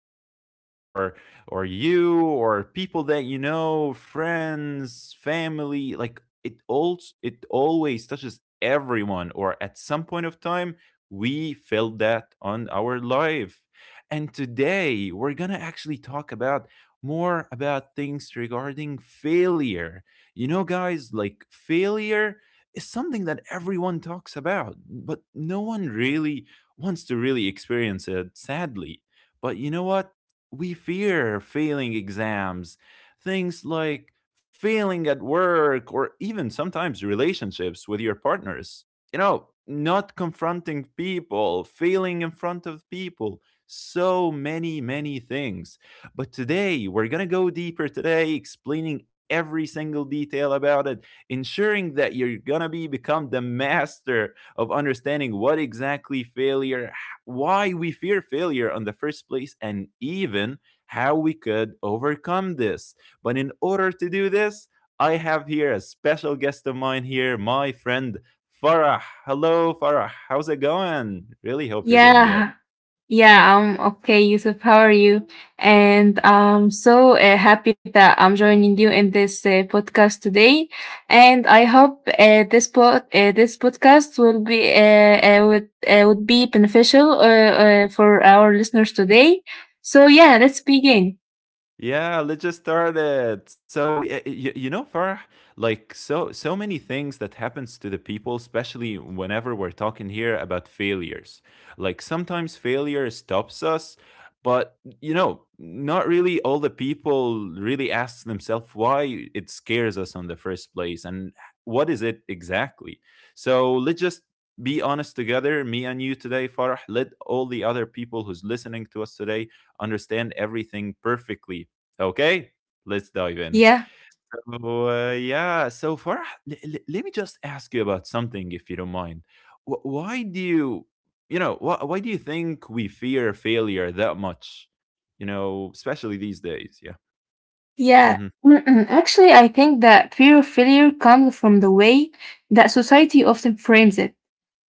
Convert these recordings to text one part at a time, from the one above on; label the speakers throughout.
Speaker 1: only, or you, or people that you know, friends, family. Like it always touches everyone, or at some point of time we felt that on our life. And today we're gonna actually talk about more about things regarding failure. You know, guys, like failure is something that everyone talks about, but no one really wants to really experience it, sadly. But you know what? We fear failing exams, things like failing at work, or even sometimes relationships with your partners. You know, not confronting people, failing in front of people, so many, many things. But today, we're going to go deeper today, explaining every single detail about it, ensuring that you're going to be become the master of understanding what exactly failure, why we fear failure in the first place, and even how we could overcome this. But in order to do this, I have here a special guest of mine here, my friend Farah. Hello, Farah. How's it going? Really hope you're doing
Speaker 2: Yeah,
Speaker 1: good.
Speaker 2: yeah, I'm okay, Yusuf. How are you? And I'm so happy that I'm joining you in this podcast today. And I hope this podcast will be would be beneficial for our listeners today. So yeah, let's begin.
Speaker 1: Yeah, let's just start it. So, you know, Farah, like so many things that happens to the people, especially whenever we're talking here about failures. Like sometimes failure stops us, but you know, not really all the people really ask themselves why it scares us on the first place and what is it exactly. So let's just be honest together, me and you today, Farah. Let all the other people who's listening to us today understand everything perfectly. Okay, let's dive in.
Speaker 2: Yeah,
Speaker 1: So, yeah, so Farah, let me just ask you about something, if you don't mind. Wh- why do you, you know, why do you think we fear failure that much? You know, especially these days. Yeah.
Speaker 2: yeah.
Speaker 1: Mm-hmm.
Speaker 2: Mm-mm. Actually, I think that fear of failure comes from the way that society often frames it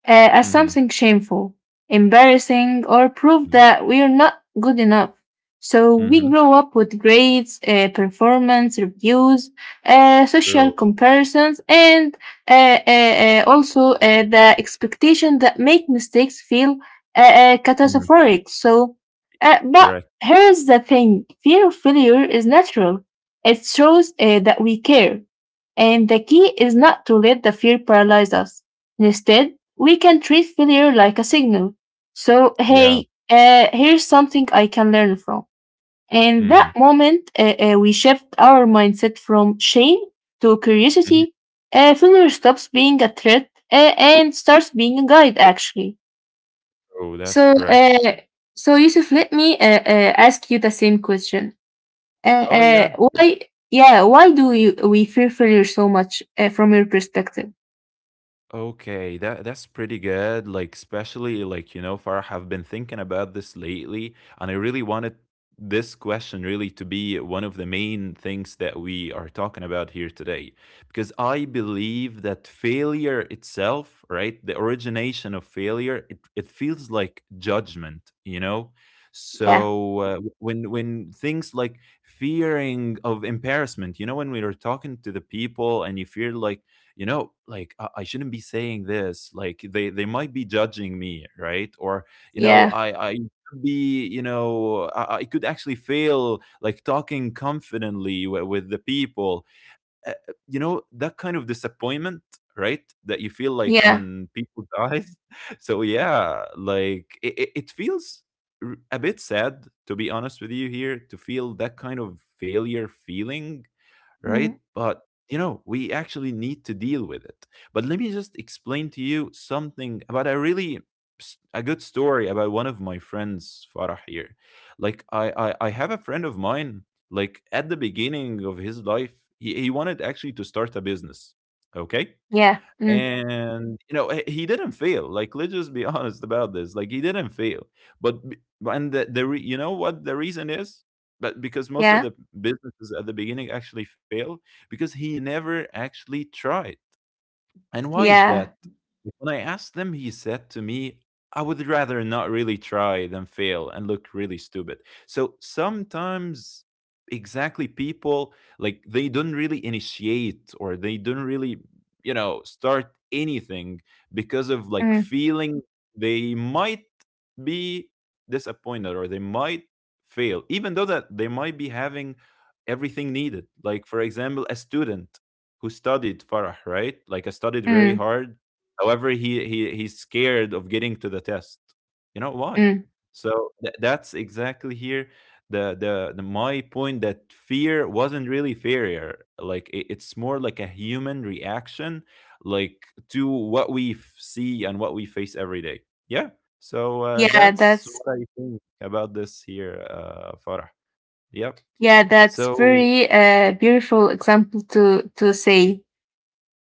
Speaker 2: as
Speaker 1: Mm-hmm.
Speaker 2: something shameful, embarrassing, or proof
Speaker 1: Mm-hmm.
Speaker 2: that we are not good enough. So we
Speaker 1: Mm-hmm.
Speaker 2: grow up with grades, performance reviews, social
Speaker 1: True.
Speaker 2: comparisons, and also the expectation that make mistakes feel
Speaker 1: Mm-hmm.
Speaker 2: catastrophic. So, but
Speaker 1: Correct.
Speaker 2: here's the thing: fear of failure is natural. It shows that we care, and the key is not to let the fear paralyze us. Instead, we can treat failure like a signal. So,
Speaker 1: Yeah.
Speaker 2: hey, here's something I can learn from. In
Speaker 1: Mm-hmm.
Speaker 2: that moment, we shift our mindset from shame to
Speaker 1: Mm-hmm.
Speaker 2: curiosity. Failure stops being a threat and starts being a guide, actually.
Speaker 1: Oh, that's
Speaker 2: So,
Speaker 1: correct.
Speaker 2: so Yusuf, let me ask you the same question. Uh,
Speaker 1: Oh,
Speaker 2: uh,
Speaker 1: yeah.
Speaker 2: why, yeah, why do you we fear failure so much from your perspective?
Speaker 1: Okay, that's pretty good. Like especially like you know, Farah, I've been thinking about this lately, and I really wanted this question really to be one of the main things that we are talking about here today, because I believe that failure itself, right, the origination of failure, it feels like judgment, you know.
Speaker 2: Yeah,
Speaker 1: So when things like fearing of embarrassment, you know, when we are talking to the people and you feel like you know like I shouldn't be saying this like they might be judging me, right? Or you know
Speaker 2: yeah,
Speaker 1: I could be, you know, I could actually fail like talking confidently with the people, uh, you know, that kind of disappointment, right, that you feel like
Speaker 2: yeah,
Speaker 1: on people's eyes. So yeah, like it feels a bit sad, to be honest with you here, to feel that kind of failure feeling, right?
Speaker 2: mm,
Speaker 1: But you know, we actually need to deal with it. But let me just explain to you something about a really s- a good story about one of my friends, Farah here. Like I have a friend of mine, like at the beginning of his life, he wanted actually to start a business. Okay.
Speaker 2: yeah, mm,
Speaker 1: And you know, he didn't fail. Like let's just be honest about this. Like he didn't fail. But and you know what the reason is? But because most of
Speaker 2: yeah.
Speaker 1: the businesses at the beginning actually fail, because he never actually tried. And why is
Speaker 2: Yeah.
Speaker 1: that? When I asked them, he said to me, I would rather not really try than fail and look really stupid. So sometimes, exactly, people, like they don't really initiate, or they don't really, you know, start anything, because of like
Speaker 2: Mm,
Speaker 1: feeling they might be disappointed or they might fail, even though that they might be having everything needed. Like, for example, a student who studied, Farah, right? Like I studied very
Speaker 2: mm,
Speaker 1: hard. However, he's scared of getting to the test. You know why?
Speaker 2: mm.
Speaker 1: So that's exactly here the, my point, that fear wasn't really failure. Like it's more like a human reaction, like to what we see and what we face every day. Yeah. So
Speaker 2: Yeah,
Speaker 1: that's what I think about this here, Farah. Yep.
Speaker 2: that's
Speaker 1: So
Speaker 2: very beautiful example to say.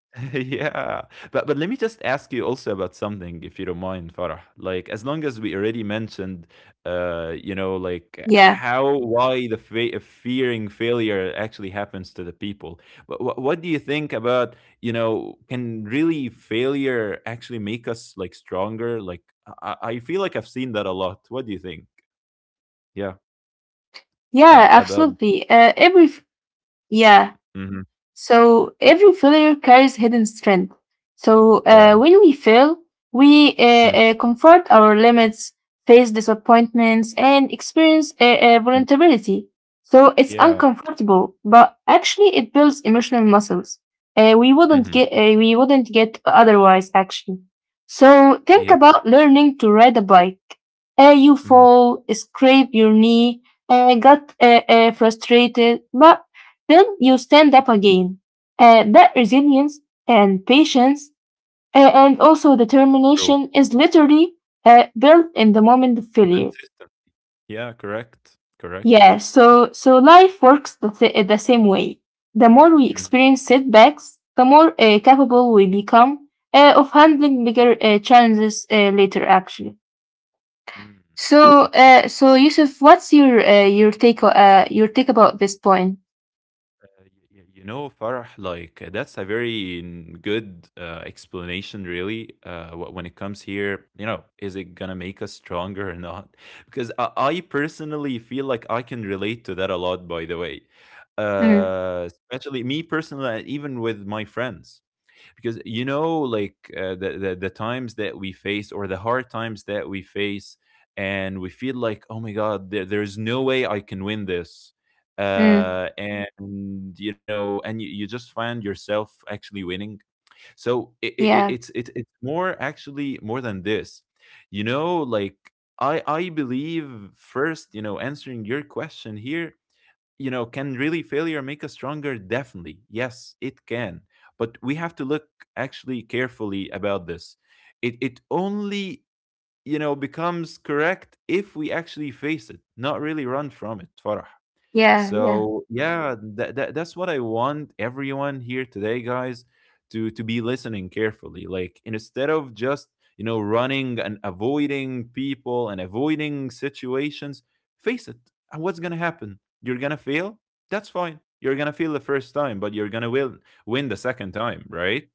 Speaker 1: yeah, but let me just ask you also about something, if you don't mind, Farah. Like as long as we
Speaker 2: Yeah.
Speaker 1: already mentioned, you know, like how why the fearing failure actually happens to the people. But what do you think about, you know, can really failure actually make us like stronger? Like I feel like I've seen that a lot. What do you think? Yeah,
Speaker 2: Yeah, absolutely.
Speaker 1: about.
Speaker 2: Every Yeah.
Speaker 1: Mhm.
Speaker 2: So every failure carries hidden strength. So
Speaker 1: Yeah.
Speaker 2: when we fail, we
Speaker 1: Mhm.
Speaker 2: comfort our limits, face disappointments, and experience vulnerability. So it's
Speaker 1: Yeah.
Speaker 2: uncomfortable, but actually it builds emotional muscles.
Speaker 1: Mhm.
Speaker 2: We wouldn't get otherwise actually. So think
Speaker 1: Yeah.
Speaker 2: about learning to ride a bike. You
Speaker 1: Mhm.
Speaker 2: fall, scrape your knee, got frustrated, but then you stand up again. That resilience and patience and also
Speaker 1: True.
Speaker 2: determination is literally built in the moment of failure.
Speaker 1: Inconsistent. Yeah, correct.
Speaker 2: Yeah,
Speaker 1: Correct.
Speaker 2: so life works the same way. The more we
Speaker 1: Mhm.
Speaker 2: experience setbacks, the more capable we become of handling bigger challenges later. Actually,
Speaker 1: Mm.
Speaker 2: so
Speaker 1: I, uh,
Speaker 2: so Yusuf, what's your take about this point?
Speaker 1: you know, Farah, like that's a very good explanation, really. When it comes here, you know, is it gonna make us stronger or not? Because I personally feel like I can relate to that a lot. By the way,
Speaker 2: Mm,
Speaker 1: especially me personally, and even with my friends. Because you know, like the times that we face, or the hard times that we face, and we feel like, oh my god, there's no way I can win this,
Speaker 2: mm,
Speaker 1: and you know, and you just find yourself actually winning. So it,
Speaker 2: yeah,
Speaker 1: it's more, actually more than this, you know, like I believe, first, you know, answering your question here, you know, can really failure make us stronger? Definitely. Yes, it can. But we have to look actually carefully about this. It only, you know, becomes correct if we actually face it, not really run from it, Farah.
Speaker 2: yeah, yeah.
Speaker 1: So yeah, that's what I want everyone here today, guys, to be listening carefully. Like, instead of just, you know, running and avoiding people and avoiding situations, face it. And what's gonna happen? You're gonna fail. That's fine. You're gonna fail the first time, but you're gonna win the second time, right?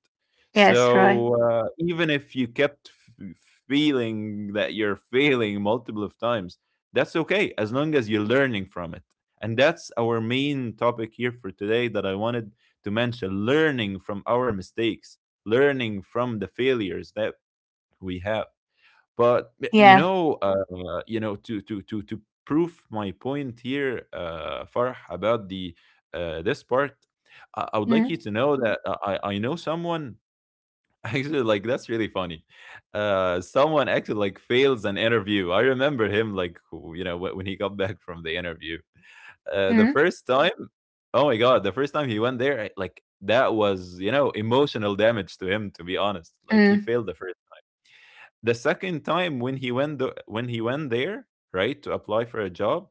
Speaker 2: Yes, right.
Speaker 1: So even if you kept feeling that you're failing multiple of times, that's okay as long as you're learning from it. And that's our main topic here for today that I wanted to mention: learning from our mistakes, learning from the failures that we have. But
Speaker 2: Yeah.
Speaker 1: you know, to prove my point here, Farh, about the this part, I would like you
Speaker 2: Mm,
Speaker 1: to know that I know someone. Actually, like, that's really funny. Someone actually like fails an interview. I remember him, like, you know, when he got back from the interview. The
Speaker 2: mm,
Speaker 1: first time, oh my god, the first time he went there, like that was, you know, emotional damage to him. To be honest, like he
Speaker 2: mm.
Speaker 1: failed the first. The second time, when he went there right to apply for a job,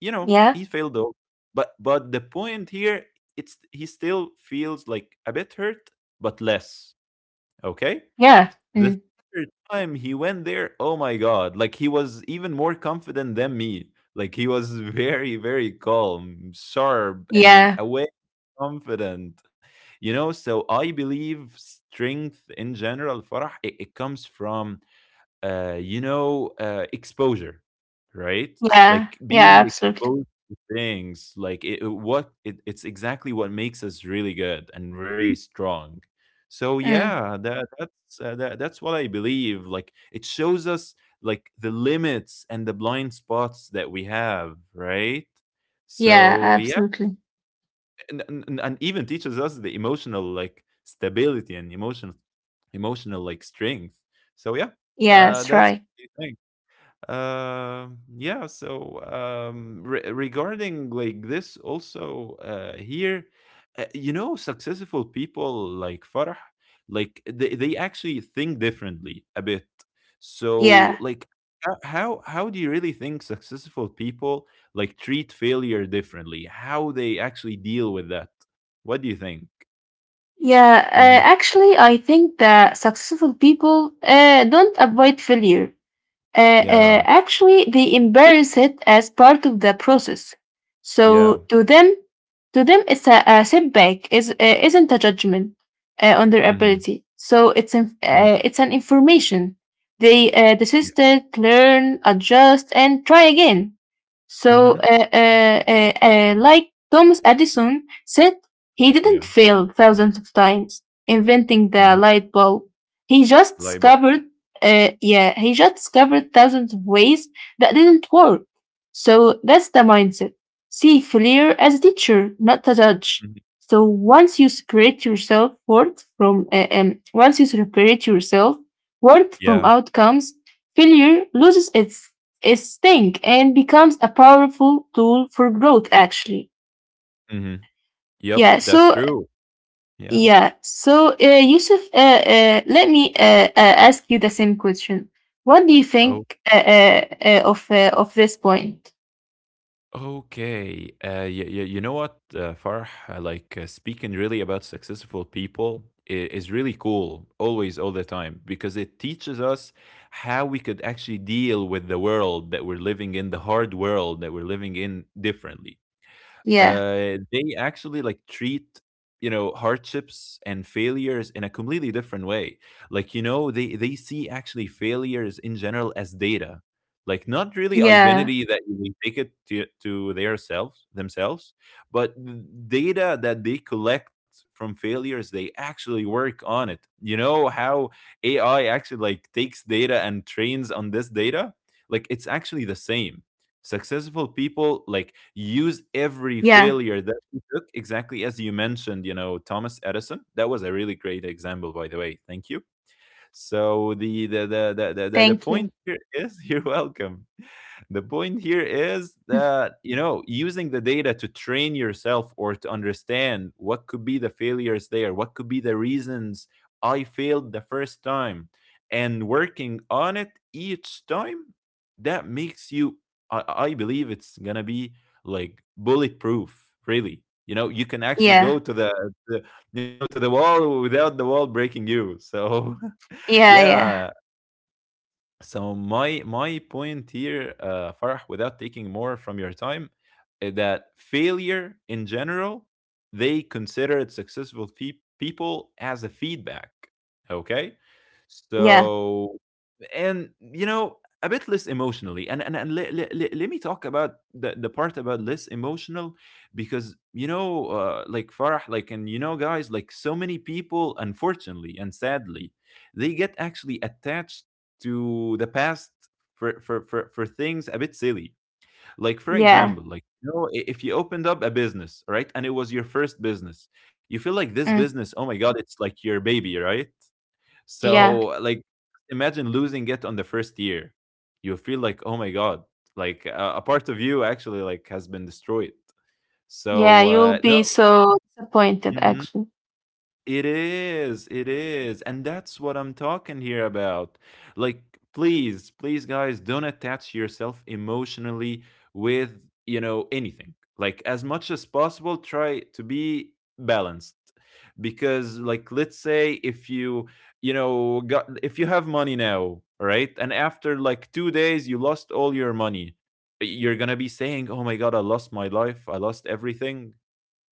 Speaker 1: you know,
Speaker 2: Yeah.
Speaker 1: he failed though. But the point here, it's he still feels like a bit hurt, but less. Okay,
Speaker 2: Yeah.
Speaker 1: the
Speaker 2: Mm.
Speaker 1: third time he went there, oh my god, like he was even more confident than me. Like he was very, very calm, sharp, and
Speaker 2: Yeah.
Speaker 1: awake, confident. You know, so I believe strength, in general, Farah, it comes from, you know, exposure, right?
Speaker 2: Yeah.
Speaker 1: Like
Speaker 2: Yeah.
Speaker 1: being
Speaker 2: Absolutely.
Speaker 1: exposed to things, like it's exactly what makes us really good and really strong. So
Speaker 2: Mm.
Speaker 1: yeah, that's what I believe. Like it shows us like the limits and the blind spots that we have, right?
Speaker 2: Yeah.
Speaker 1: So yeah,
Speaker 2: Absolutely.
Speaker 1: and even teaches us the emotional like stability and emotional like strength. So yeah,
Speaker 2: Yeah. That's
Speaker 1: that's
Speaker 2: right.
Speaker 1: the thing. Yeah, so regarding like this also here, you know, successful people, like, Farah, like they actually think differently a bit, so
Speaker 2: Yeah.
Speaker 1: like, how do you really think successful people like treat failure differently, how they actually deal with that? What do you think?
Speaker 2: Yeah.
Speaker 1: Hmm.
Speaker 2: Actually, I think that successful people don't avoid failure.
Speaker 1: Yeah.
Speaker 2: Actually, they embrace it as part of the process. So
Speaker 1: Yeah.
Speaker 2: to them, it's a setback. Is isn't a judgment on their
Speaker 1: Hmm.
Speaker 2: ability. So it's an
Speaker 1: Hmm.
Speaker 2: uh, it's an information. They
Speaker 1: Yeah.
Speaker 2: desist learn, adjust, and try again. So,
Speaker 1: Hmm.
Speaker 2: like Thomas Edison said, he didn't
Speaker 1: Yeah.
Speaker 2: fail thousands of times inventing
Speaker 1: Hmm.
Speaker 2: the light bulb. He just discovered, yeah, he just discovered thousands of ways that didn't work. So that's the mindset. See failure as a teacher, not a judge. So once you separate yourself worth from
Speaker 1: Yeah.
Speaker 2: outcomes, failure loses its thing and becomes a powerful tool for growth, actually.
Speaker 1: Hmm.
Speaker 2: Yeah.
Speaker 1: Yep, that's
Speaker 2: so
Speaker 1: true. Yeah.
Speaker 2: yeah so uh, Yusuf, let me ask you the same question. What do you
Speaker 1: Oh,
Speaker 2: think of this point?
Speaker 1: okay. You know what, Farh? Like speaking really about successful people is really cool, always, all the time, because it teaches us how we could actually deal with the world that we're living in, the hard world that we're living in differently.
Speaker 2: Yeah,
Speaker 1: They actually like treat hardships and failures in a completely different way. Like they see actually failures in general as data, like not really
Speaker 2: yeah,
Speaker 1: identity that they take it to their selves themselves but data that they collect from failures. They actually work on it. You know how AI actually like takes data and trains on this data, like it's actually the same.
Speaker 2: yeah,
Speaker 1: Successful people like use every failure that they took exactly as you mentioned, you know, Thomas Edison. That was a really great example, by the way. Thank you. So the the
Speaker 2: thank
Speaker 1: the
Speaker 2: you.
Speaker 1: the the, the the point here is you're welcome. The point here is that you know using the data to train yourself or to understand what could be the failures there, what could be the reasons I failed the first time, and working on it each time, that makes you. I believe it's gonna be like bulletproof. Really, you know, you can actually go
Speaker 2: Yeah,
Speaker 1: to the to the wall without the wall breaking you. So.
Speaker 2: yeah,
Speaker 1: Yeah.
Speaker 2: yeah,
Speaker 1: So my point here, Farah, without taking more from your time, is that failure in general, they consider it successful people as a feedback. Okay,
Speaker 2: yeah,
Speaker 1: so and you know a bit less emotionally and let me talk about the part about less emotional, because you know like Farah, like, and you know guys, like so many people unfortunately and sadly, they get actually attached to the past for for things a bit silly. Like for
Speaker 2: yeah,
Speaker 1: example, like if you opened up a business, right? And it was your first business, you feel like this
Speaker 2: mm,
Speaker 1: business, oh my god, it's like your baby, right?
Speaker 2: yeah,
Speaker 1: So, like, imagine losing it on the first year. You feel like, oh my god, like a part of you actually like has been destroyed.
Speaker 2: yeah.
Speaker 1: So
Speaker 2: You'll
Speaker 1: no,
Speaker 2: be so disappointed,
Speaker 1: mm-hmm.
Speaker 2: actually.
Speaker 1: It is, it is. And that's what I'm talking here about. Like, please, please, guys, don't attach yourself emotionally with, you know, anything. Like, as much as possible, try to be balanced. Because, like, let's say if you, you know, got, if you have money now, right? And after like 2 days, you lost all your money. You're going to be saying, oh my god, I lost my life. I lost everything.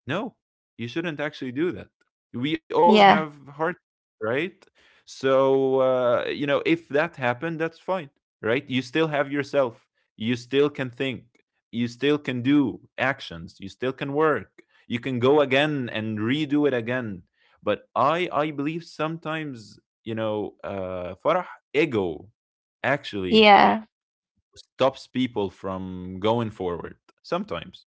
Speaker 1: No, you shouldn't actually do that. We all
Speaker 2: Yeah,
Speaker 1: have heart, right? So, you know, if that happened, that's fine, right? You still have yourself. You still can think. You still can do actions. You still can work. You can go again and redo it again. But I believe sometimes, you know, Farah, ego actually
Speaker 2: yeah,
Speaker 1: stops people from going forward sometimes.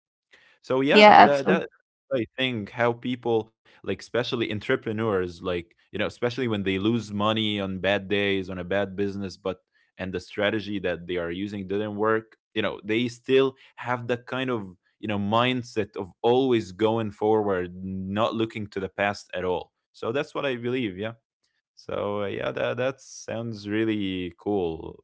Speaker 1: So
Speaker 2: yeah,
Speaker 1: yeah, that
Speaker 2: absolutely.
Speaker 1: that I think how people, like especially entrepreneurs, like you know, especially when they lose money on bad days, on a bad business, but and the strategy that they are using didn't work, you know, they still have that kind of, you know, mindset of always going forward, not looking to the past at all. So that's what I believe. Yeah. So yeah, that sounds really cool.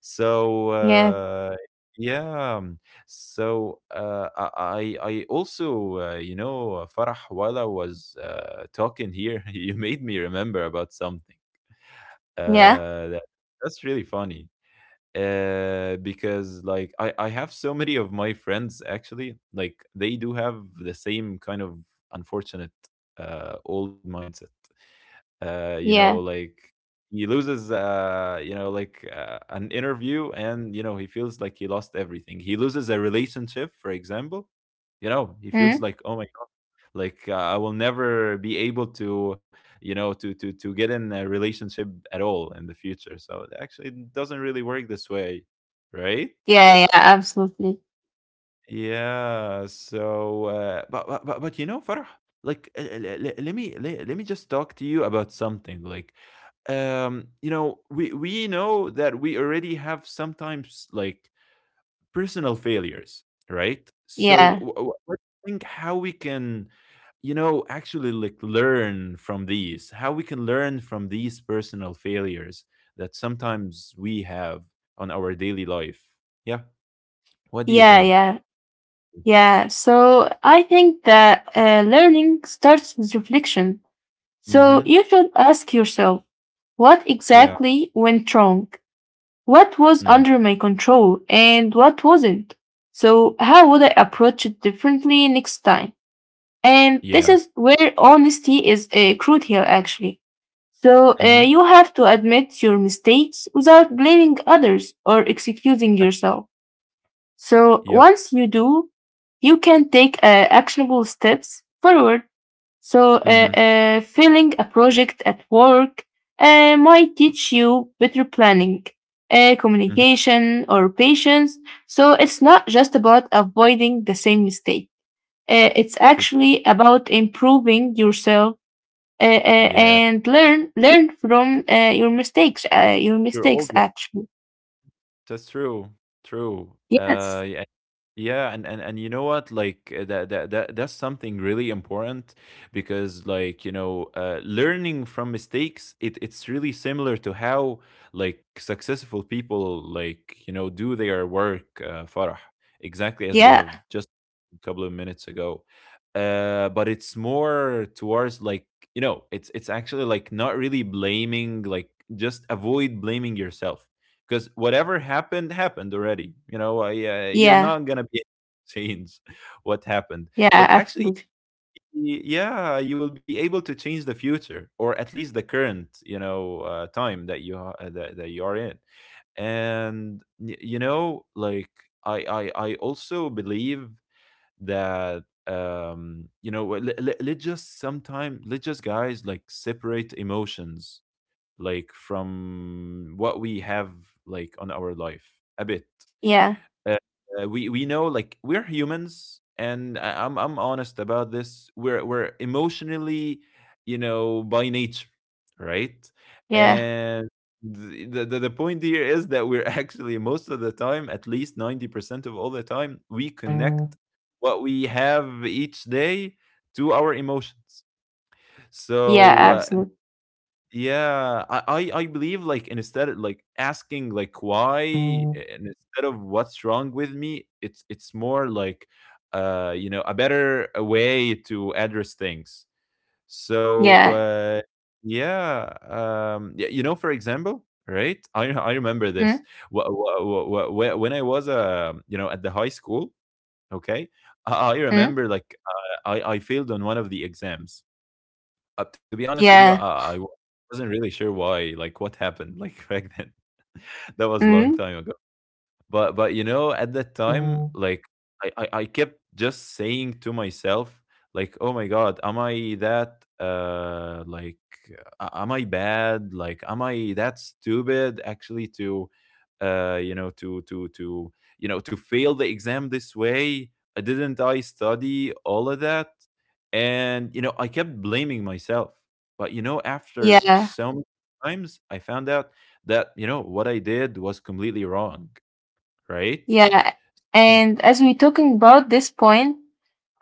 Speaker 1: So,
Speaker 2: Yeah,
Speaker 1: yeah. So, I also, you know, Farah, while I was talking here, you made me remember about something.
Speaker 2: yeah,
Speaker 1: That, that's really funny. Because like I have so many of my friends actually, like they do have the same kind of unfortunate old mindset. You know,
Speaker 2: yeah.
Speaker 1: like he loses, you know, like an interview, and you know he feels like he lost everything. He loses a relationship, for example. You know, he feels
Speaker 2: Mm.
Speaker 1: like, oh my god, like I will never be able to, you know, to get in a relationship at all in the future. So actually, it doesn't really work this way, right?
Speaker 2: Yeah, yeah, absolutely.
Speaker 1: Yeah. So, but, but you know, Farah, like, let me let me just talk to you about something. Like, you know, we know that we already have sometimes like personal failures, right? So,
Speaker 2: Yeah,
Speaker 1: what do you think how we can, you know, actually like learn from these? How we can learn from these personal failures that sometimes we have on our daily life? Yeah. What do you
Speaker 2: yeah,
Speaker 1: think?
Speaker 2: yeah,
Speaker 1: Yes.
Speaker 2: yeah. So I think that learning starts with reflection. So
Speaker 1: Mm-hmm.
Speaker 2: you should ask yourself, what
Speaker 1: Yeah.
Speaker 2: exactly went wrong? What was
Speaker 1: Mhm.
Speaker 2: under my control and what wasn't? So how would I approach it differently next time? And this
Speaker 1: Yeah.
Speaker 2: is where honesty is crucial, actually. So
Speaker 1: Mhm.
Speaker 2: you have to admit your mistakes without blaming others or excusing
Speaker 1: Ac
Speaker 2: yourself. So
Speaker 1: Yep.
Speaker 2: once you do, you can take actionable steps forward. So
Speaker 1: Mhm.
Speaker 2: failing a project at work might teach you better planning,
Speaker 1: Mhm.
Speaker 2: communication, or patience. So it's not just about avoiding the same mistake. It's
Speaker 1: True.
Speaker 2: actually about improving yourself
Speaker 1: Yeah.
Speaker 2: and learn from your mistakes. Uh, your
Speaker 1: You're old.
Speaker 2: mistakes, actually.
Speaker 1: That's true. True.
Speaker 2: Yes.
Speaker 1: Yeah, yeah, and you know what? Like that's something really important, because, like, you know, learning from mistakes, it's really similar to how like successful people, like, you know, do their work, Farah, exactly as we
Speaker 2: Yeah.
Speaker 1: have just a couple of minutes ago. But it's more towards like, you know, it's actually like not really blaming, like just avoid blaming yourself, because whatever happened happened already. You know, I, you're
Speaker 2: Yeah.
Speaker 1: not gonna be able to change what happened,
Speaker 2: Yeah.
Speaker 1: but actually,
Speaker 2: Absolutely.
Speaker 1: yeah, you will be able to change the future, or at least the current, you know, time that you are- that, that you are in. And you know, like I also believe that you know let's just sometime let's just guys like separate emotions, like from what we have like on our life a bit.
Speaker 2: Yeah,
Speaker 1: Uh, we know like we're humans, and I'm honest about this. We're emotionally, you know, by nature, right?
Speaker 2: yeah.
Speaker 1: And the point here is that we're actually most of the time, at least 90% of all the time, we connect what we have each day to our emotions.
Speaker 2: Yeah,
Speaker 1: So
Speaker 2: absolutely.
Speaker 1: yeah, I believe like instead of like asking like why, and instead of what's wrong with me, it's more like you know a better way to address things. So
Speaker 2: Yeah.
Speaker 1: yeah, you know, for example, right? I remember this.
Speaker 2: Mm,
Speaker 1: When I was you know at the high school, okay? I
Speaker 2: mm,
Speaker 1: remember like I failed on one of the exams. To be honest with you,
Speaker 2: yeah.
Speaker 1: I wasn't really sure why, like what happened, like back then. That was a long
Speaker 2: Mm,
Speaker 1: time ago. But you know, at that time, like I kept just saying to myself, like, oh my god, am I that like am I bad, like am I that stupid actually to you know to you know to fail the exam this way? Didn't I study all of that? And you know I kept blaming myself. But you know after
Speaker 2: yeah.
Speaker 1: some times I found out that you know what I did was completely wrong, right?
Speaker 2: Yeah. And as we're talking about this point,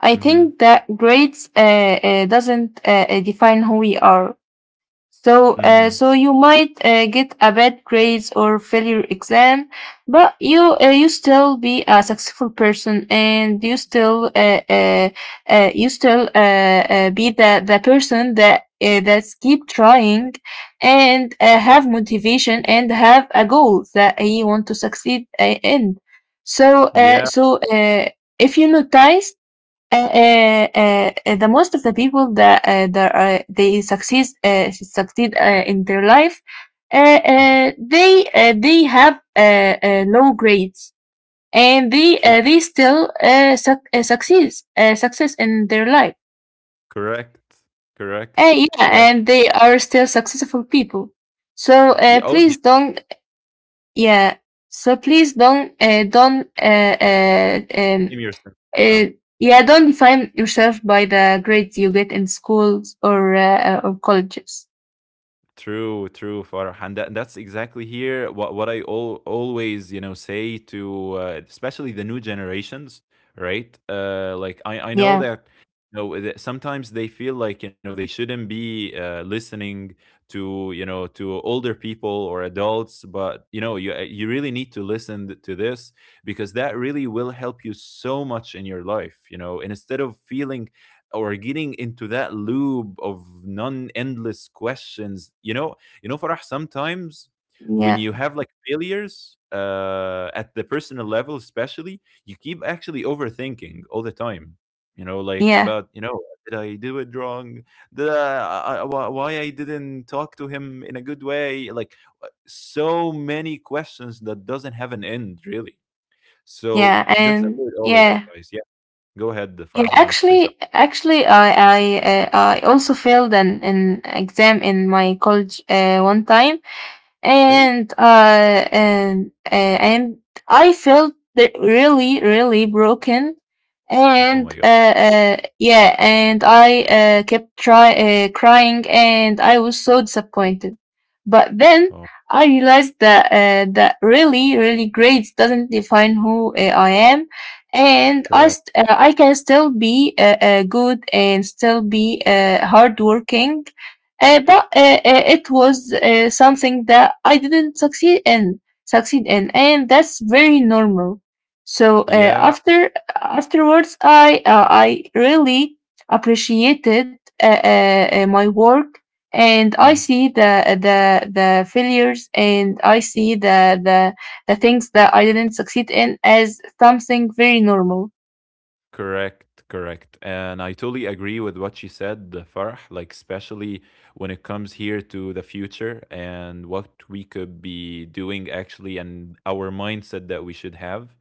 Speaker 2: I
Speaker 1: Mm-hmm.
Speaker 2: think that grades doesn't define who we are. So,
Speaker 1: Mm-hmm.
Speaker 2: so you might get a bad grades or fail your exam, but you still be a successful person, and you still be the person that's keep trying, and have motivation and have a goal that you want to succeed in. So,
Speaker 1: Yeah.
Speaker 2: if you notice the most of the people that they succeed in their life, uh,
Speaker 1: Mhm.
Speaker 2: they have low grades and they
Speaker 1: True.
Speaker 2: uh, they still success in their life.
Speaker 1: Correct. Correct.
Speaker 2: Yeah,
Speaker 1: Correct.
Speaker 2: and they are still successful people. So
Speaker 1: Yeah. Oh
Speaker 2: please
Speaker 1: yeah.
Speaker 2: don't. Yeah. So please don't
Speaker 1: Blame yourself.
Speaker 2: Uh, yeah, don't define yourself by the grades you get in schools or or colleges.
Speaker 1: True, true, Farah, and that, that's exactly here what I always you know say to especially the new generations, right? Like I know
Speaker 2: Yeah,
Speaker 1: that you know that sometimes they feel like you know they shouldn't be listening to you know to older people or adults, but you know you you really need to listen to this, because that really will help you so much in your life, you know. And instead of feeling or getting into that loop of non-endless questions, you know, you know Farah sometimes when
Speaker 2: yeah,
Speaker 1: you have like failures at the personal level especially, you keep actually overthinking all the time, you know, like
Speaker 2: yeah,
Speaker 1: about you know, did I do it wrong? Did why I didn't talk to him in a good way, like so many questions that doesn't have an end really. So
Speaker 2: yeah,
Speaker 1: just
Speaker 2: and
Speaker 1: avoid all of that,
Speaker 2: yeah,
Speaker 1: guys. Yeah, go ahead
Speaker 2: yeah.
Speaker 1: Farah, you wanted to say
Speaker 2: Actually,
Speaker 1: something.
Speaker 2: actually, I also failed an exam in my college one time.
Speaker 1: Really.
Speaker 2: And I felt that really really broken.
Speaker 1: Oh
Speaker 2: And
Speaker 1: my god.
Speaker 2: yeah, and I kept try crying and I was so disappointed. But then
Speaker 1: Oh,
Speaker 2: I realized that really really grades doesn't define who I am, and I,
Speaker 1: correct.
Speaker 2: st- uh, I can still be good and still be hardworking.
Speaker 1: Mm.
Speaker 2: But it was something that I didn't succeed in, and that's very normal. So
Speaker 1: Yeah.
Speaker 2: afterwards, I really appreciated my work, and I
Speaker 1: Mm-hmm.
Speaker 2: see the failures, and I see the things that I didn't succeed in as something very normal.
Speaker 1: Correct, correct. And I totally agree with what she said, Farah, like especially when it comes here to the future and what we could be doing actually, and our mindset that we should have.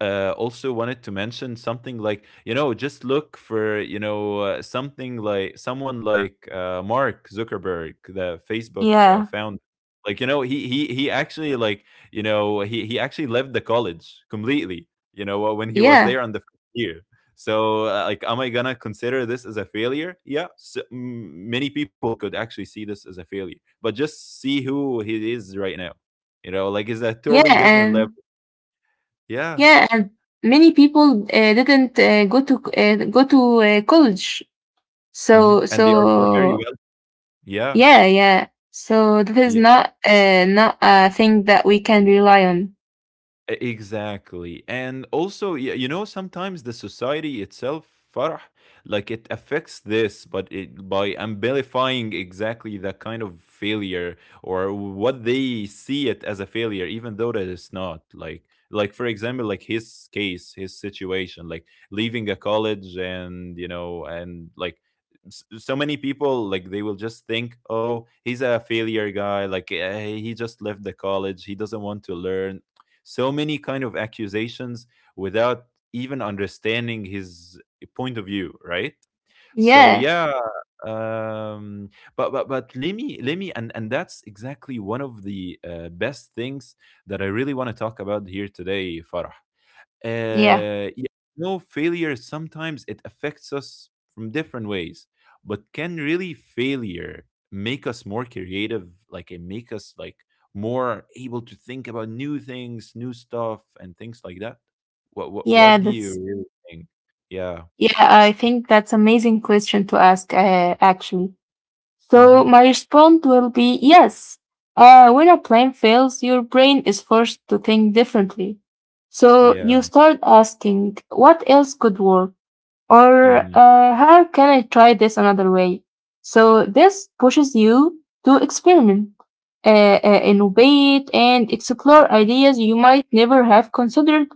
Speaker 1: Also wanted to mention something, like, you know, just look for, you know, something like someone like Mark Zuckerberg, the Facebook
Speaker 2: Yeah,
Speaker 1: founder. Like, you know, he actually like, you know, he actually left the college completely, you know, when he was
Speaker 2: yeah,
Speaker 1: there on the first year. So, like, am I gonna consider this as a failure? Yeah, so, many people could actually see this as a failure, but just see who he is right now. You know, like, it's a
Speaker 2: yeah,
Speaker 1: totally different
Speaker 2: and
Speaker 1: level. Yeah,
Speaker 2: Yeah, and many people didn't go to college.
Speaker 1: hmm,
Speaker 2: So
Speaker 1: and they are very
Speaker 2: so
Speaker 1: well. Yeah,
Speaker 2: yeah, yeah. So this is not a thing that we can rely on.
Speaker 1: Exactly. And also, you know, sometimes the society itself, Farah, like it affects this, but it, by amplifying exactly that kind of failure, or what they see it as a failure, even though that it's not. Like for example, like his case, his situation, like leaving a college and, and like, so many people like they will just think, oh, he's a failure guy, like he just left the college, he doesn't want to learn. So many kind of accusations without even understanding his point of view, right? So
Speaker 2: Yeah,
Speaker 1: yeah. Um but but but let me, and that's exactly one of the best things that I really want to talk about here today, Farah.
Speaker 2: yeah,
Speaker 1: Yeah. No failure. Sometimes it affects us from different ways, but can really failure make us more creative? Like it make us like more able to think about new things, new stuff, and things like that. What what
Speaker 2: yeah.
Speaker 1: what do you
Speaker 2: That's
Speaker 1: really think? Yeah.
Speaker 2: Yeah. I think that's amazing question to ask. Actually, so
Speaker 1: Mm-hmm.
Speaker 2: my response will be yes. When a plan fails, your brain is forced to think differently. So
Speaker 1: Yeah.
Speaker 2: you start asking, what else could work? Or
Speaker 1: Mm-hmm.
Speaker 2: how can I try this another way? So this pushes you to experiment, innovate, and explore ideas you might never have considered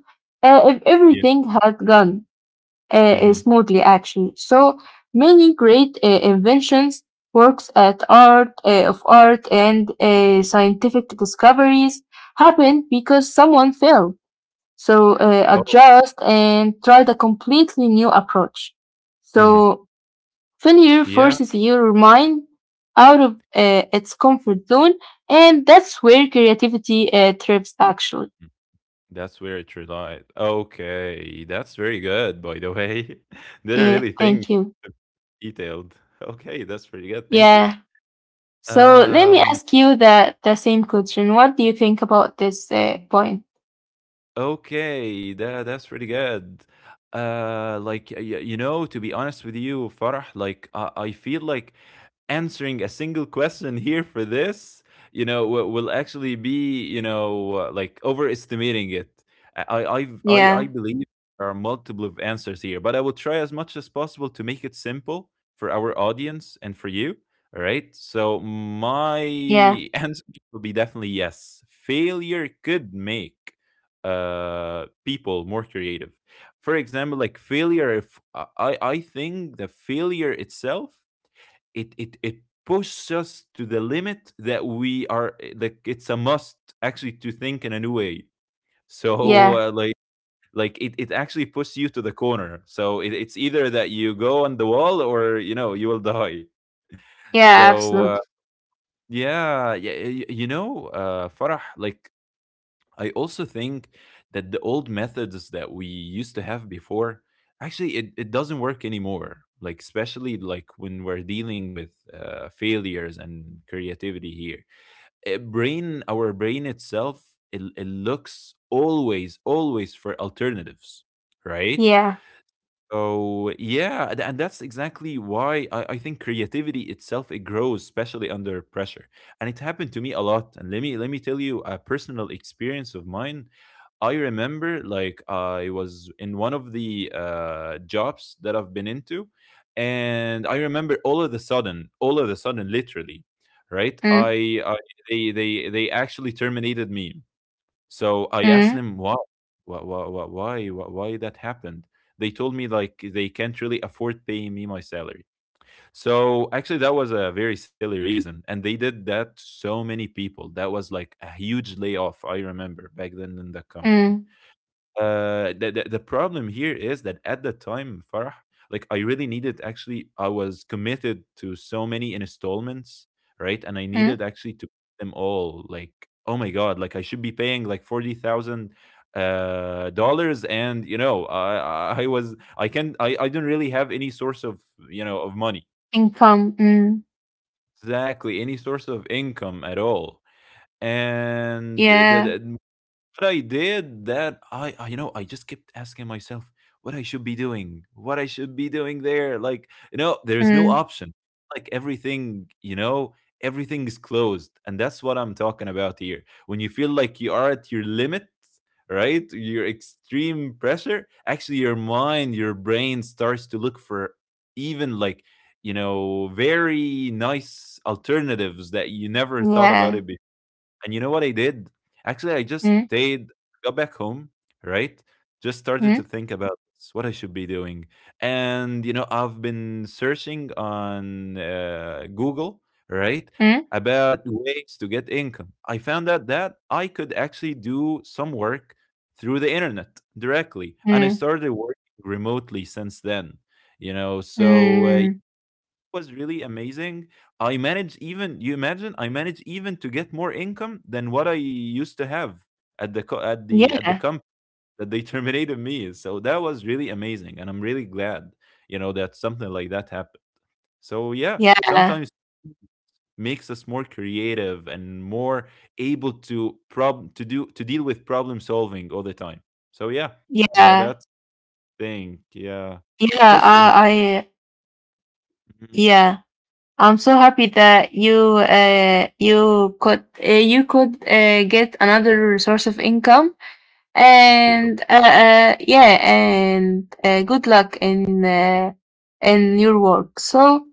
Speaker 2: if
Speaker 1: Yeah.
Speaker 2: everything had gone
Speaker 1: Mm-hmm.
Speaker 2: smoothly. Actually, so many great inventions, works at art of art, and scientific discoveries happen because someone failed, so
Speaker 1: Oh.
Speaker 2: adjust and try the completely new approach.
Speaker 1: Mm-hmm.
Speaker 2: So failure
Speaker 1: Yeah.
Speaker 2: forces your mind out of its comfort zone, and that's where creativity thrives, actually.
Speaker 1: That's where it relied. Okay, that's very good, by the way. Didn't
Speaker 2: Yeah,
Speaker 1: really think.
Speaker 2: thank you.
Speaker 1: Detailed. Okay, that's pretty good. Thank you.
Speaker 2: Yeah. So let me
Speaker 1: Um,
Speaker 2: ask you the same question. What do you think about this point?
Speaker 1: Okay, that's pretty good. Like, you know, to be honest with you, Farah, like I feel like answering a single question here for this, will actually be, like overestimating it. I I've- I
Speaker 2: Yeah.
Speaker 1: believe there are multiple of answers here, but I will try as much as possible to make it simple for our audience and for you. All right. So my
Speaker 2: Yeah.
Speaker 1: answer will be definitely yes. Failure could make people more creative. For example, like failure, if I think the failure itself, it pushes us to the limit that we are, like it's a must actually to think in a new way. So
Speaker 2: Yeah.
Speaker 1: like, it actually pushes you to the corner, so it's either that you go on the wall or you know you will die. So
Speaker 2: Yeah. Absolutely.
Speaker 1: yeah, yeah. You know, Farah, like I also think that the old methods that we used to have before, actually it doesn't work anymore, like especially like when we're dealing with failures and creativity here. A brain Our brain itself, it looks always for alternatives, right?
Speaker 2: Yeah.
Speaker 1: So yeah, and that's exactly why I think creativity itself, it grows especially under pressure. And it happened to me a lot, and let me tell you a personal experience of mine. I remember like I was in one of the jobs that I've been into, and I remember all of the sudden, all of the sudden, literally, right?
Speaker 2: Mm.
Speaker 1: I they actually terminated me. So I asked
Speaker 2: Mm.
Speaker 1: them why, why that happened. They told me like they can't really afford paying me my salary. So actually, that was a very silly reason, and they did that to so many people. That was like a huge layoff, I remember back then in the company.
Speaker 2: Mm.
Speaker 1: The problem here is that at the time, Farah, like I really needed, actually I was committed to so many installments, right? And I
Speaker 2: Mm.
Speaker 1: needed actually to pay them all. Like, oh my god, like I should be paying like 40,000 dollars, and you know, I was I can I don't really have any source of, of money.
Speaker 2: Income. Mm.
Speaker 1: Exactly, any source of income at all. And
Speaker 2: Yeah.
Speaker 1: what I did that, you know, I just kept asking myself what I should be doing, what I should be doing there. Like, you know, there's no
Speaker 2: Mm.
Speaker 1: option. Like everything, you know, everything is closed, and that's what I'm talking about here. When you feel like you are at your limit, right? Your extreme pressure. Actually, your mind, your brain starts to look for even like, you know, very nice alternatives that you never thought about
Speaker 2: Yeah.
Speaker 1: it. And you know what I did? Actually, I just
Speaker 2: Mm,
Speaker 1: stayed, got back home, right? Just started to
Speaker 2: mm,
Speaker 1: think about what I should be doing. And, you know, I've been searching on Google, right,
Speaker 2: mm,
Speaker 1: about ways to get income. I found out that I could actually do some work through the internet directly. And I
Speaker 2: mm,
Speaker 1: started working remotely since then, you know. So,
Speaker 2: mm.
Speaker 1: was really amazing. I managed, even, you imagine, I managed even to get more income than what I used to have at the at the
Speaker 2: Yeah,
Speaker 1: company that they terminated me. So that was really amazing, and I'm really glad, you know, that something like that happened. So yeah,
Speaker 2: yeah,
Speaker 1: sometimes makes us more creative and more able to prob to do to deal with problem solving all the time. So yeah, that,
Speaker 2: yeah,
Speaker 1: that's thing. Yeah,
Speaker 2: yeah.
Speaker 1: push innovation.
Speaker 2: Yeah. I'm so happy that you could, get another source of income,
Speaker 1: Thank you. Thank
Speaker 2: and yeah, and good luck in your work. So,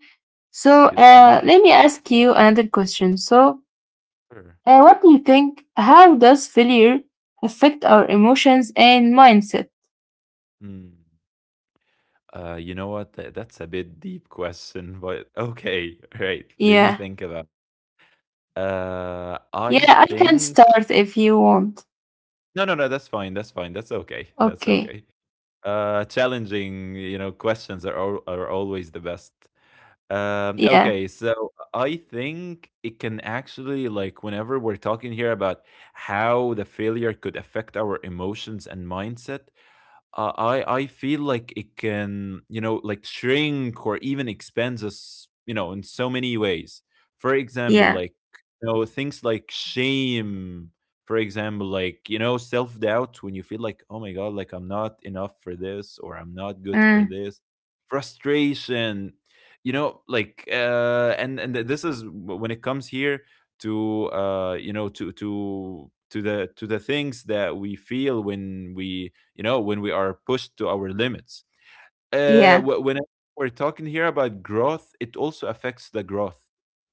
Speaker 1: you so much.
Speaker 2: let me ask you another question. So,
Speaker 1: Sure.
Speaker 2: What do you think? How does failure affect our emotions and mindset?
Speaker 1: Mm. You know what? That's a bit deep question, but okay, right. Let me
Speaker 2: Yeah.
Speaker 1: think about. I
Speaker 2: Yeah, I can
Speaker 1: think
Speaker 2: start if you want.
Speaker 1: No, no, no, that's fine. That's fine. That's okay. That's
Speaker 2: Okay.
Speaker 1: okay. Challenging, you know, questions are are always the best.
Speaker 2: Yeah.
Speaker 1: Okay, so I think it can actually, like whenever we're talking here about how the failure could affect our emotions and mindset, I feel like it can, you know, like shrink or even expand us, you know, in so many ways. For example,
Speaker 2: Yeah.
Speaker 1: like you know, things like shame. For example, like you know, self doubt, when you feel like, oh my god, like I'm not enough for this or I'm not good for
Speaker 2: Mm.
Speaker 1: this. Frustration, you know, like this is when it comes here to, you know, to the things that we feel when we, you know, when we are pushed to our limits.
Speaker 2: Yeah.
Speaker 1: When we're talking here about growth, it also affects the growth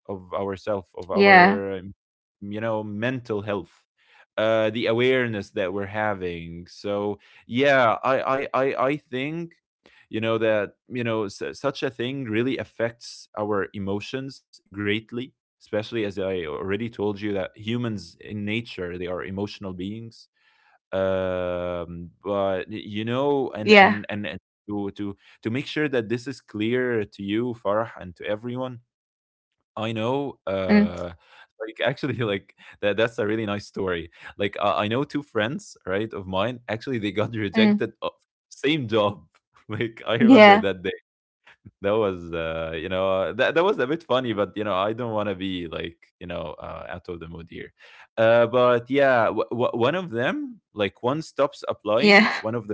Speaker 1: of ourself, of
Speaker 2: Yeah.
Speaker 1: our, you know, mental health, the awareness that we're having. So yeah, I think, you know, that, you know, such a thing really affects our emotions greatly, especially as I already told you that humans in nature, they are emotional beings.
Speaker 2: Yeah.
Speaker 1: But you know, and to, to make sure that this is clear to you, Farah, and to everyone, I
Speaker 2: Mm.
Speaker 1: know, like, actually like, that, that's a really nice story. Like I know two friends, right, of mine, actually they got
Speaker 2: Mm.
Speaker 1: rejected, same job. Like I remember
Speaker 2: Yeah.
Speaker 1: that day, that was, that, that was a bit funny, but you know, I don't want to be like you know, out of the mood here. But yeah, one of
Speaker 2: Yeah.
Speaker 1: them, like, one stops applying, one of,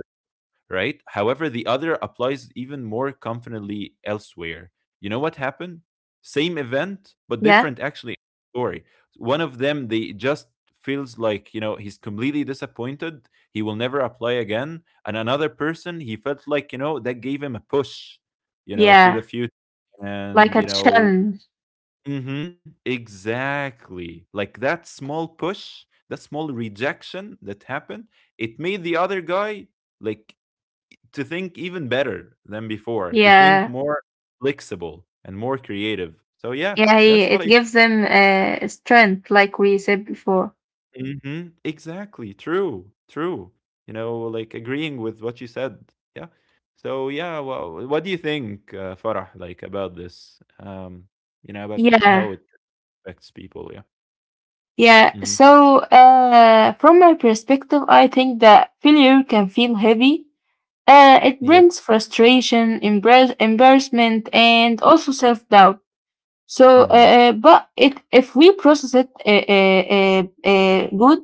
Speaker 1: right? However, the other applies even more confidently elsewhere. You know what happened? Same event,
Speaker 2: Yeah.
Speaker 1: but different actually story. One of them, they just feels like, you know, he's completely disappointed. He will never apply again. And another person, he felt like, you know, that gave him a push, you know, to the
Speaker 2: Yeah.
Speaker 1: future.
Speaker 2: Like
Speaker 1: And
Speaker 2: a
Speaker 1: you know,
Speaker 2: challenge.
Speaker 1: hmm, exactly, like that small push, that small rejection that happened, it made the other guy like to think even better than before, to think
Speaker 2: Yeah.
Speaker 1: more flexible and more creative. So yeah,
Speaker 2: Yeah. Yeah,
Speaker 1: that's
Speaker 2: it
Speaker 1: what I.
Speaker 2: gives them strength, like we said before.
Speaker 1: Hmm, exactly. True. True. You know, like agreeing with what you said. Yeah. So yeah, well, what do you think, Farah, like about this? You know, about
Speaker 2: Yeah.
Speaker 1: how it affects people. Yeah.
Speaker 2: Yeah,
Speaker 1: Hmm.
Speaker 2: from my perspective, I think that failure can feel heavy. It
Speaker 1: Yeah.
Speaker 2: brings frustration, embarrassment, and also self doubt. So,
Speaker 1: Hmm.
Speaker 2: but if we process it good,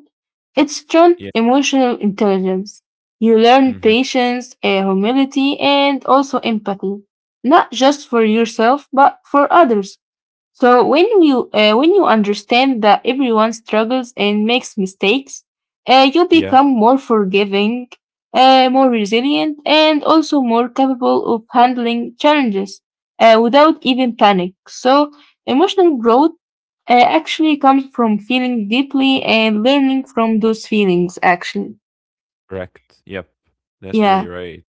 Speaker 2: it's strong
Speaker 1: Yeah.
Speaker 2: emotional intelligence. You learn
Speaker 1: Hmm.
Speaker 2: patience, humility, and also empathy, not just for yourself, but for others. So when you understand that everyone struggles and makes mistakes, you
Speaker 1: Yeah.
Speaker 2: become more forgiving, more resilient, and also more capable of handling challenges without even panic. So emotional growth actually comes from feeling deeply and learning from those feelings, actually.
Speaker 1: Correct. Yep. That's really
Speaker 2: Yeah,
Speaker 1: right.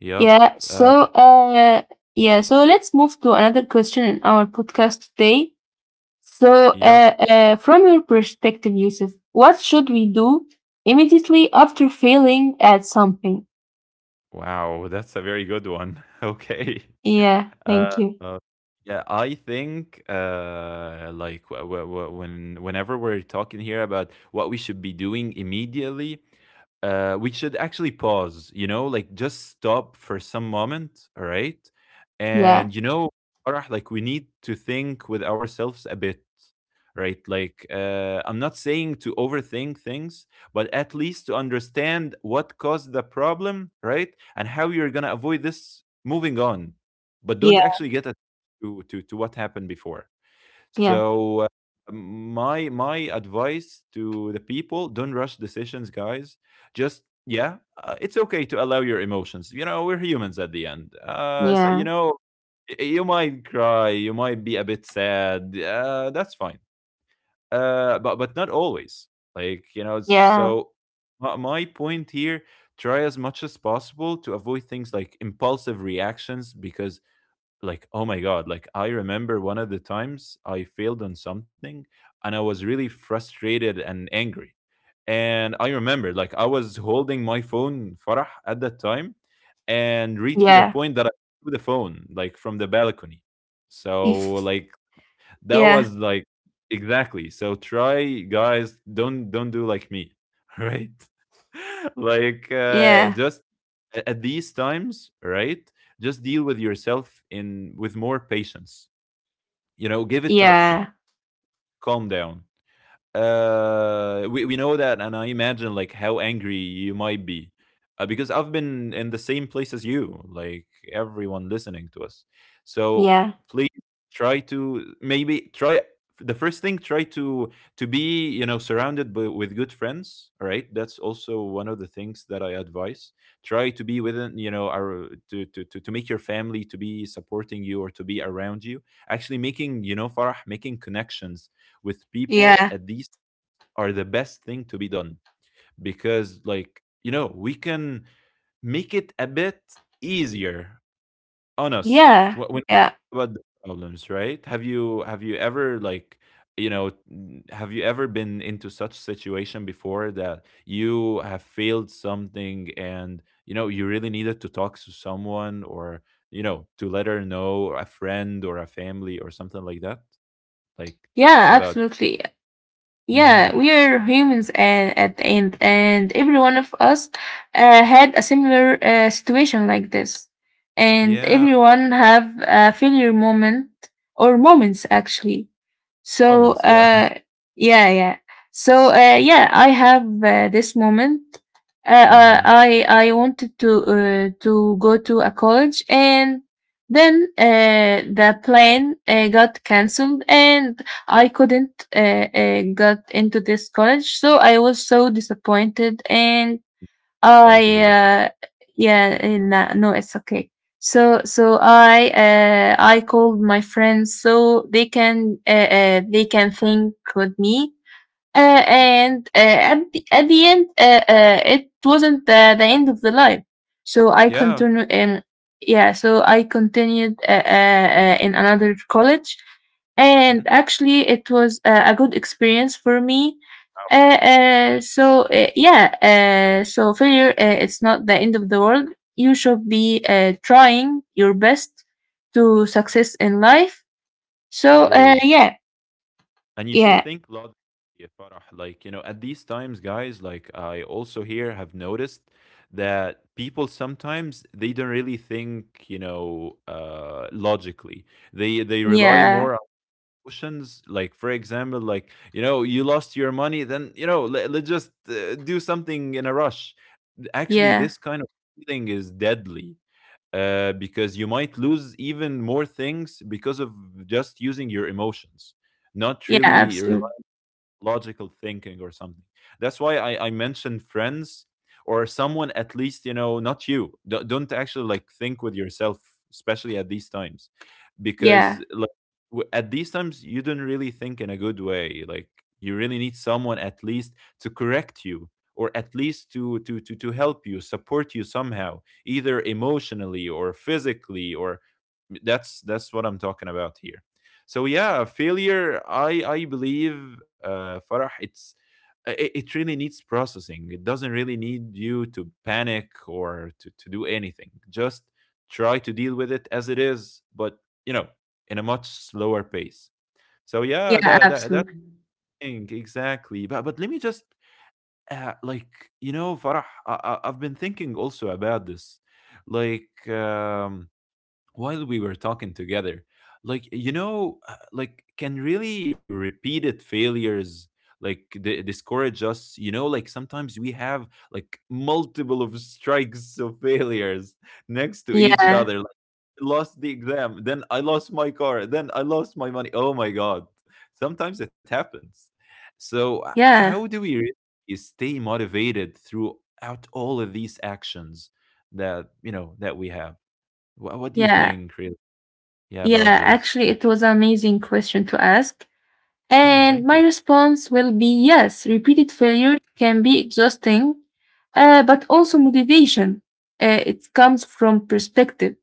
Speaker 1: Yep.
Speaker 2: yeah.
Speaker 1: Uh,
Speaker 2: So yeah. So let's move to another question in our podcast today. So,
Speaker 1: yep.
Speaker 2: from your perspective, Yusuf, what should we do immediately after failing at something?
Speaker 1: Wow, that's a very good one. Okay.
Speaker 2: Yeah, thank
Speaker 1: Uh,
Speaker 2: you.
Speaker 1: uh, yeah, I think like, whenever we're talking here about what we should be doing immediately, we should actually pause, you know, like just stop for some moment, all right?
Speaker 2: Yeah,
Speaker 1: And you know, Farah, like we need to think with ourselves a bit, right? Like I'm not saying to overthink things, but at least to understand what caused the problem, right? And how you're going to avoid this moving on. But
Speaker 2: yeah,
Speaker 1: don't actually get to, to what happened before.
Speaker 2: yeah,
Speaker 1: So, my advice to the people, don't rush decisions, guys. Just yeah, it's okay to allow your emotions, you know, we're humans at the end, so you
Speaker 2: yeah,
Speaker 1: know, you might cry, you might be a bit sad, that's fine. But not always, like you know.
Speaker 2: yeah,
Speaker 1: So my point here, try as much as possible to avoid things like impulsive reactions, because, like, oh my god, like I remember one of the times I failed on something, and I was really frustrated and angry, and I remember like I was holding my phone, Farah, at that time, and reached to the
Speaker 2: yeah,
Speaker 1: point that I threw the phone like from the balcony. So
Speaker 2: if,
Speaker 1: like, that
Speaker 2: yeah,
Speaker 1: was like, exactly. So try, guys, don't do like me, right? Like
Speaker 2: yeah,
Speaker 1: just at these times, right? Just deal with yourself in with more patience. You know, give it time,
Speaker 2: yeah,
Speaker 1: calm down, we know that, and I imagine like how angry you might be, because I've been in the same place as you, like everyone listening to us. So
Speaker 2: yeah,
Speaker 1: please try to maybe try. The first thing, try to be, you know, surrounded by, with good friends, all right? That's also one of the things that I advise. Try to be within, you know, our to make your family to be supporting you or to be around you. Actually making, you know, Farah, making connections with people
Speaker 2: yeah,
Speaker 1: at these are the best thing to be done. Because, like, you know, we can make it a bit easier on us
Speaker 2: yeah,
Speaker 1: when we
Speaker 2: yeah,
Speaker 1: talk about the problems, right? Have you ever, like, you know, have you ever been into such situation before that you have failed something, and you know you really needed to talk to someone, or, you know, to let her know, or a friend or a family or something like that? Like,
Speaker 2: yeah,
Speaker 1: about.
Speaker 2: absolutely.
Speaker 1: hmm
Speaker 2: Yeah, we are humans at the end, and every one of us had a similar situation like this, and
Speaker 1: yeah.
Speaker 2: everyone have a failure moment or moments, actually.
Speaker 1: Moments,
Speaker 2: So,
Speaker 1: yeah.
Speaker 2: yeah, yeah. So, yeah, I have this moment.
Speaker 1: Mhm.
Speaker 2: I wanted to go to a college, and then the plan got cancelled, and I couldn't got into this college. So I was so disappointed, and
Speaker 1: Sorry
Speaker 2: I
Speaker 1: to hear that.
Speaker 2: yeah,
Speaker 1: Mhm.
Speaker 2: no, no, it's okay. So I called my friends so they can think with me
Speaker 1: Mhm.
Speaker 2: and at the end, it wasn't the end of the life. So I
Speaker 1: Yeah.
Speaker 2: continued in yeah. So I continued in another college, and
Speaker 1: Mhm.
Speaker 2: actually it was a good experience for me. Yeah. So failure, it's not the end of the world. You should be trying your best to
Speaker 1: Mhm.
Speaker 2: success in life. So
Speaker 1: True.
Speaker 2: yeah,
Speaker 1: And you should
Speaker 2: yeah,
Speaker 1: think lot. Yeah, Farah. Like, you know, at these times, guys, like I also here have noticed that people sometimes they don't really think, you know, logically. They rely
Speaker 2: yeah,
Speaker 1: more on emotions. Like, for example, like, you know, you lost your money, then, you know, let's just do something in a rush. Actually,
Speaker 2: yeah.
Speaker 1: this kind of feeling is deadly, because you might lose even more things because of just using your emotions,
Speaker 2: Yeah,
Speaker 1: not really
Speaker 2: absolutely.
Speaker 1: logical thinking or something. That's why I mentioned friends, or someone at least, you know, not you. Don't actually like think with yourself, especially at these times,
Speaker 2: Yeah,
Speaker 1: because like at these times you don't really think in a good way. Like you really need someone at least to correct you, or at least to help you, support you somehow, either emotionally or physically, or that's what I'm talking about here. So yeah, failure. I believe, Farah, it really needs processing. It doesn't really need you to panic or to do anything. Just try to deal with it as it is, but, you know, in a much slower pace. So yeah,
Speaker 2: yeah,
Speaker 1: that
Speaker 2: absolutely.
Speaker 1: thing exactly. But let me just like, you know, Farah, I've been thinking also about this, like. While we were talking together, like, you know, like, can really repeated failures, like, discourage us? You know, like, sometimes we have like multiple of strikes of failures next to each
Speaker 2: Yeah,
Speaker 1: other, like, lost the exam, then I lost my car, then I lost my money. Oh my God, sometimes it happens. So, how
Speaker 2: yeah,
Speaker 1: do we really stay motivated throughout all of these actions that, you know, that we have? What do you
Speaker 2: yeah,
Speaker 1: think, really? Yeah, about
Speaker 2: yeah.
Speaker 1: this.
Speaker 2: Actually, it was an amazing question to ask.
Speaker 1: Mm,
Speaker 2: And
Speaker 1: thank
Speaker 2: my
Speaker 1: you.
Speaker 2: response will be yes, repeated failure can be exhausting, but also motivation. It comes from perspective.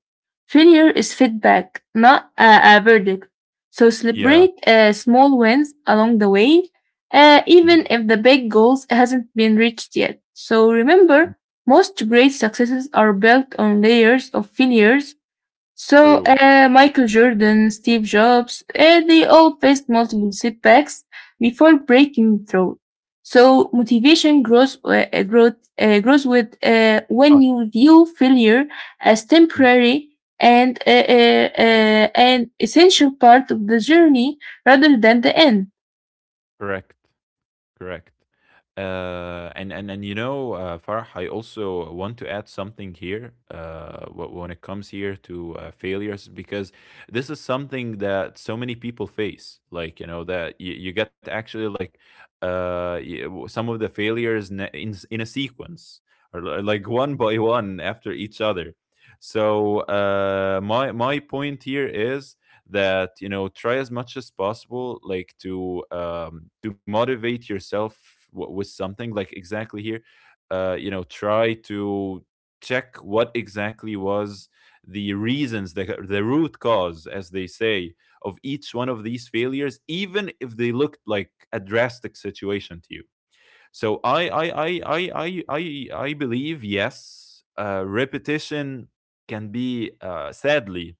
Speaker 2: Failure is feedback, not a verdict. So
Speaker 1: Yeah.
Speaker 2: celebrate small wins along the way,
Speaker 1: Mhm.
Speaker 2: even if the big goals hasn't been reached yet. So
Speaker 1: Mm,
Speaker 2: remember, most great successes are built on layers of failures, so,
Speaker 1: true.
Speaker 2: Michael Jordan, Steve Jobs, they all faced multiple setbacks before breaking through. So, motivation grows, growth, grows with
Speaker 1: Oh,
Speaker 2: when you view failure as
Speaker 1: mhm.
Speaker 2: temporary and an essential part of the journey rather than the end.
Speaker 1: Correct. Correct. And you know, Farah, I also want to add something here, when it comes here to failures, because this is something that so many people face. Like, you know, that you get actually like, some of the failures in in a sequence, or like one by one after each other. So, my my point here is that, you know, try as much as possible, like, to motivate yourself with something like exactly here. You know, try to check what exactly was the reasons, the root cause, as they say, of each one of these failures, even if they looked like a drastic situation to you. So I believe, yes, uh, repetition can be, sadly,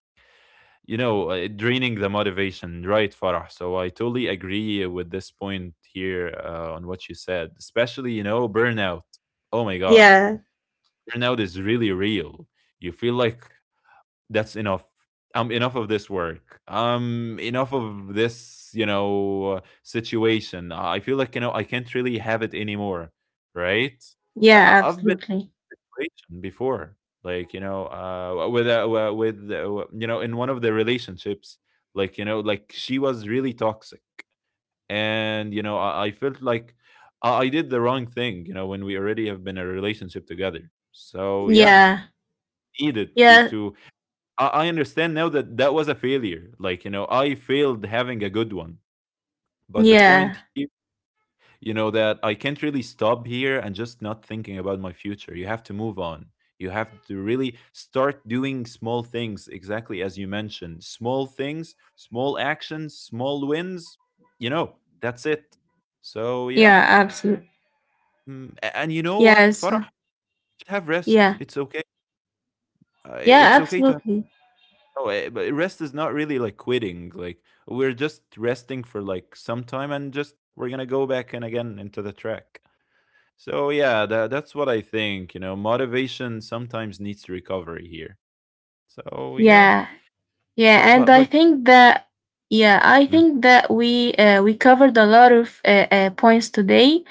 Speaker 1: you know, draining the motivation, right, Farah? So I totally agree with this point here, on what you said, especially, you know, burnout. Oh my God. Burnout is really real. You feel like that's enough. I'm enough of this work. I'm enough of this, you know, situation. I feel like, you know, I can't really have it anymore, right?
Speaker 2: Yeah,
Speaker 1: I've
Speaker 2: absolutely.
Speaker 1: situation before. Like, you know, with, with, you know, in one of the relationships, like, you know, like she was really toxic. And, you know, I felt like I did the wrong thing, you know, when we already have been in a relationship together. So yeah,
Speaker 2: Yeah,
Speaker 1: needed to,
Speaker 2: yeah,
Speaker 1: to, I understand now that that was a failure. Like, you know, I failed having a good one. But the
Speaker 2: yeah,
Speaker 1: point here, you know, that I can't really stop here and just not thinking about my future. You have to move on. You have to really start doing small things exactly as you mentioned: small things, small actions, small wins. You know, that's it. So yeah.
Speaker 2: yeah, absolutely.
Speaker 1: Mm, and you know what,
Speaker 2: Yes,
Speaker 1: Farah, have rest,
Speaker 2: yeah,
Speaker 1: it's okay.
Speaker 2: yeah,
Speaker 1: It's okay to have.
Speaker 2: absolutely.
Speaker 1: Oh, eh, but rest is not really like quitting. Like, we're just resting for like some time, and just we're gonna go back and again into the track. So yeah, that that's what I think. You know, motivation sometimes needs recovery here. So yeah,
Speaker 2: Yeah, Yeah,
Speaker 1: but
Speaker 2: and
Speaker 1: but
Speaker 2: I
Speaker 1: but
Speaker 2: think that yeah, I
Speaker 1: mm,
Speaker 2: think that we covered a lot of points today,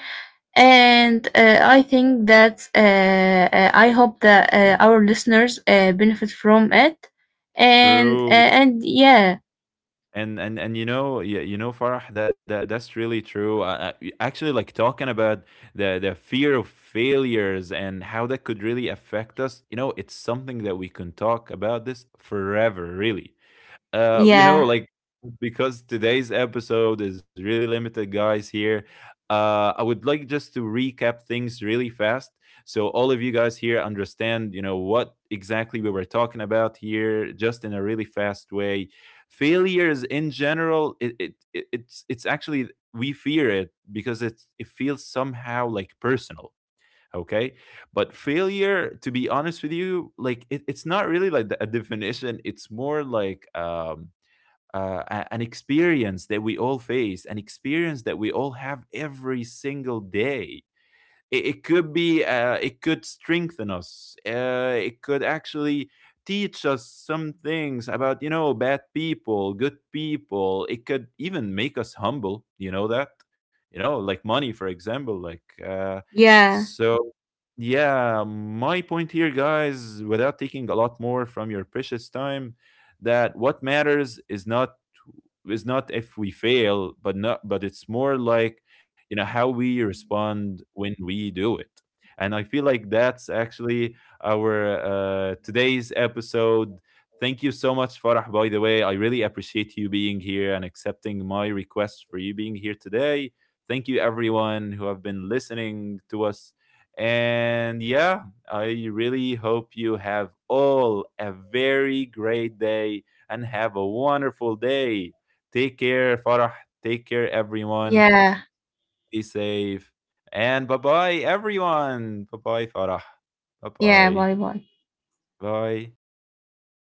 Speaker 2: and I think that I hope that our listeners benefit from it,
Speaker 1: true.
Speaker 2: and yeah,
Speaker 1: And you know, yeah, you know, Farah, that, that's really true. Actually, like, talking about the fear of failures and how that could really affect us. You know, it's something that we can talk about this forever, really. You know,
Speaker 2: yeah,
Speaker 1: like, because today's episode is really limited, guys. Here, I would like just to recap things really fast, so all of you guys here understand, you know, what exactly we were talking about here, just in a really fast way. Failures in general, it's actually, we fear it because it's, it feels somehow like personal. Okay, but failure, to be honest with you, like, it, it's not really like a definition. It's more like an experience that we all face, an experience that we all have every single day. It could be, it could strengthen us. It could actually teach us some things about, you know, bad people, good people. It could even make us humble. You know that, you know, like, money, for example. Like,
Speaker 2: yeah,
Speaker 1: so yeah, my point here, guys, without taking a lot more from your precious time, that what matters is not, if we fail, but not but it's more like, you know, how we respond when we do it. And I feel like that's actually our, today's episode. Thank you so much, Farah. By the way, I really appreciate you being here and accepting my request for you being here today. Thank you, everyone who have been listening to us. And yeah, I really hope you have all a very great day and have a wonderful day. Take care, Farah. Take care, everyone.
Speaker 2: yeah,
Speaker 1: Be safe. And bye bye, everyone. Bye bye, Farah. Bye
Speaker 2: yeah.
Speaker 1: bye.
Speaker 2: Bye bye.
Speaker 1: Bye.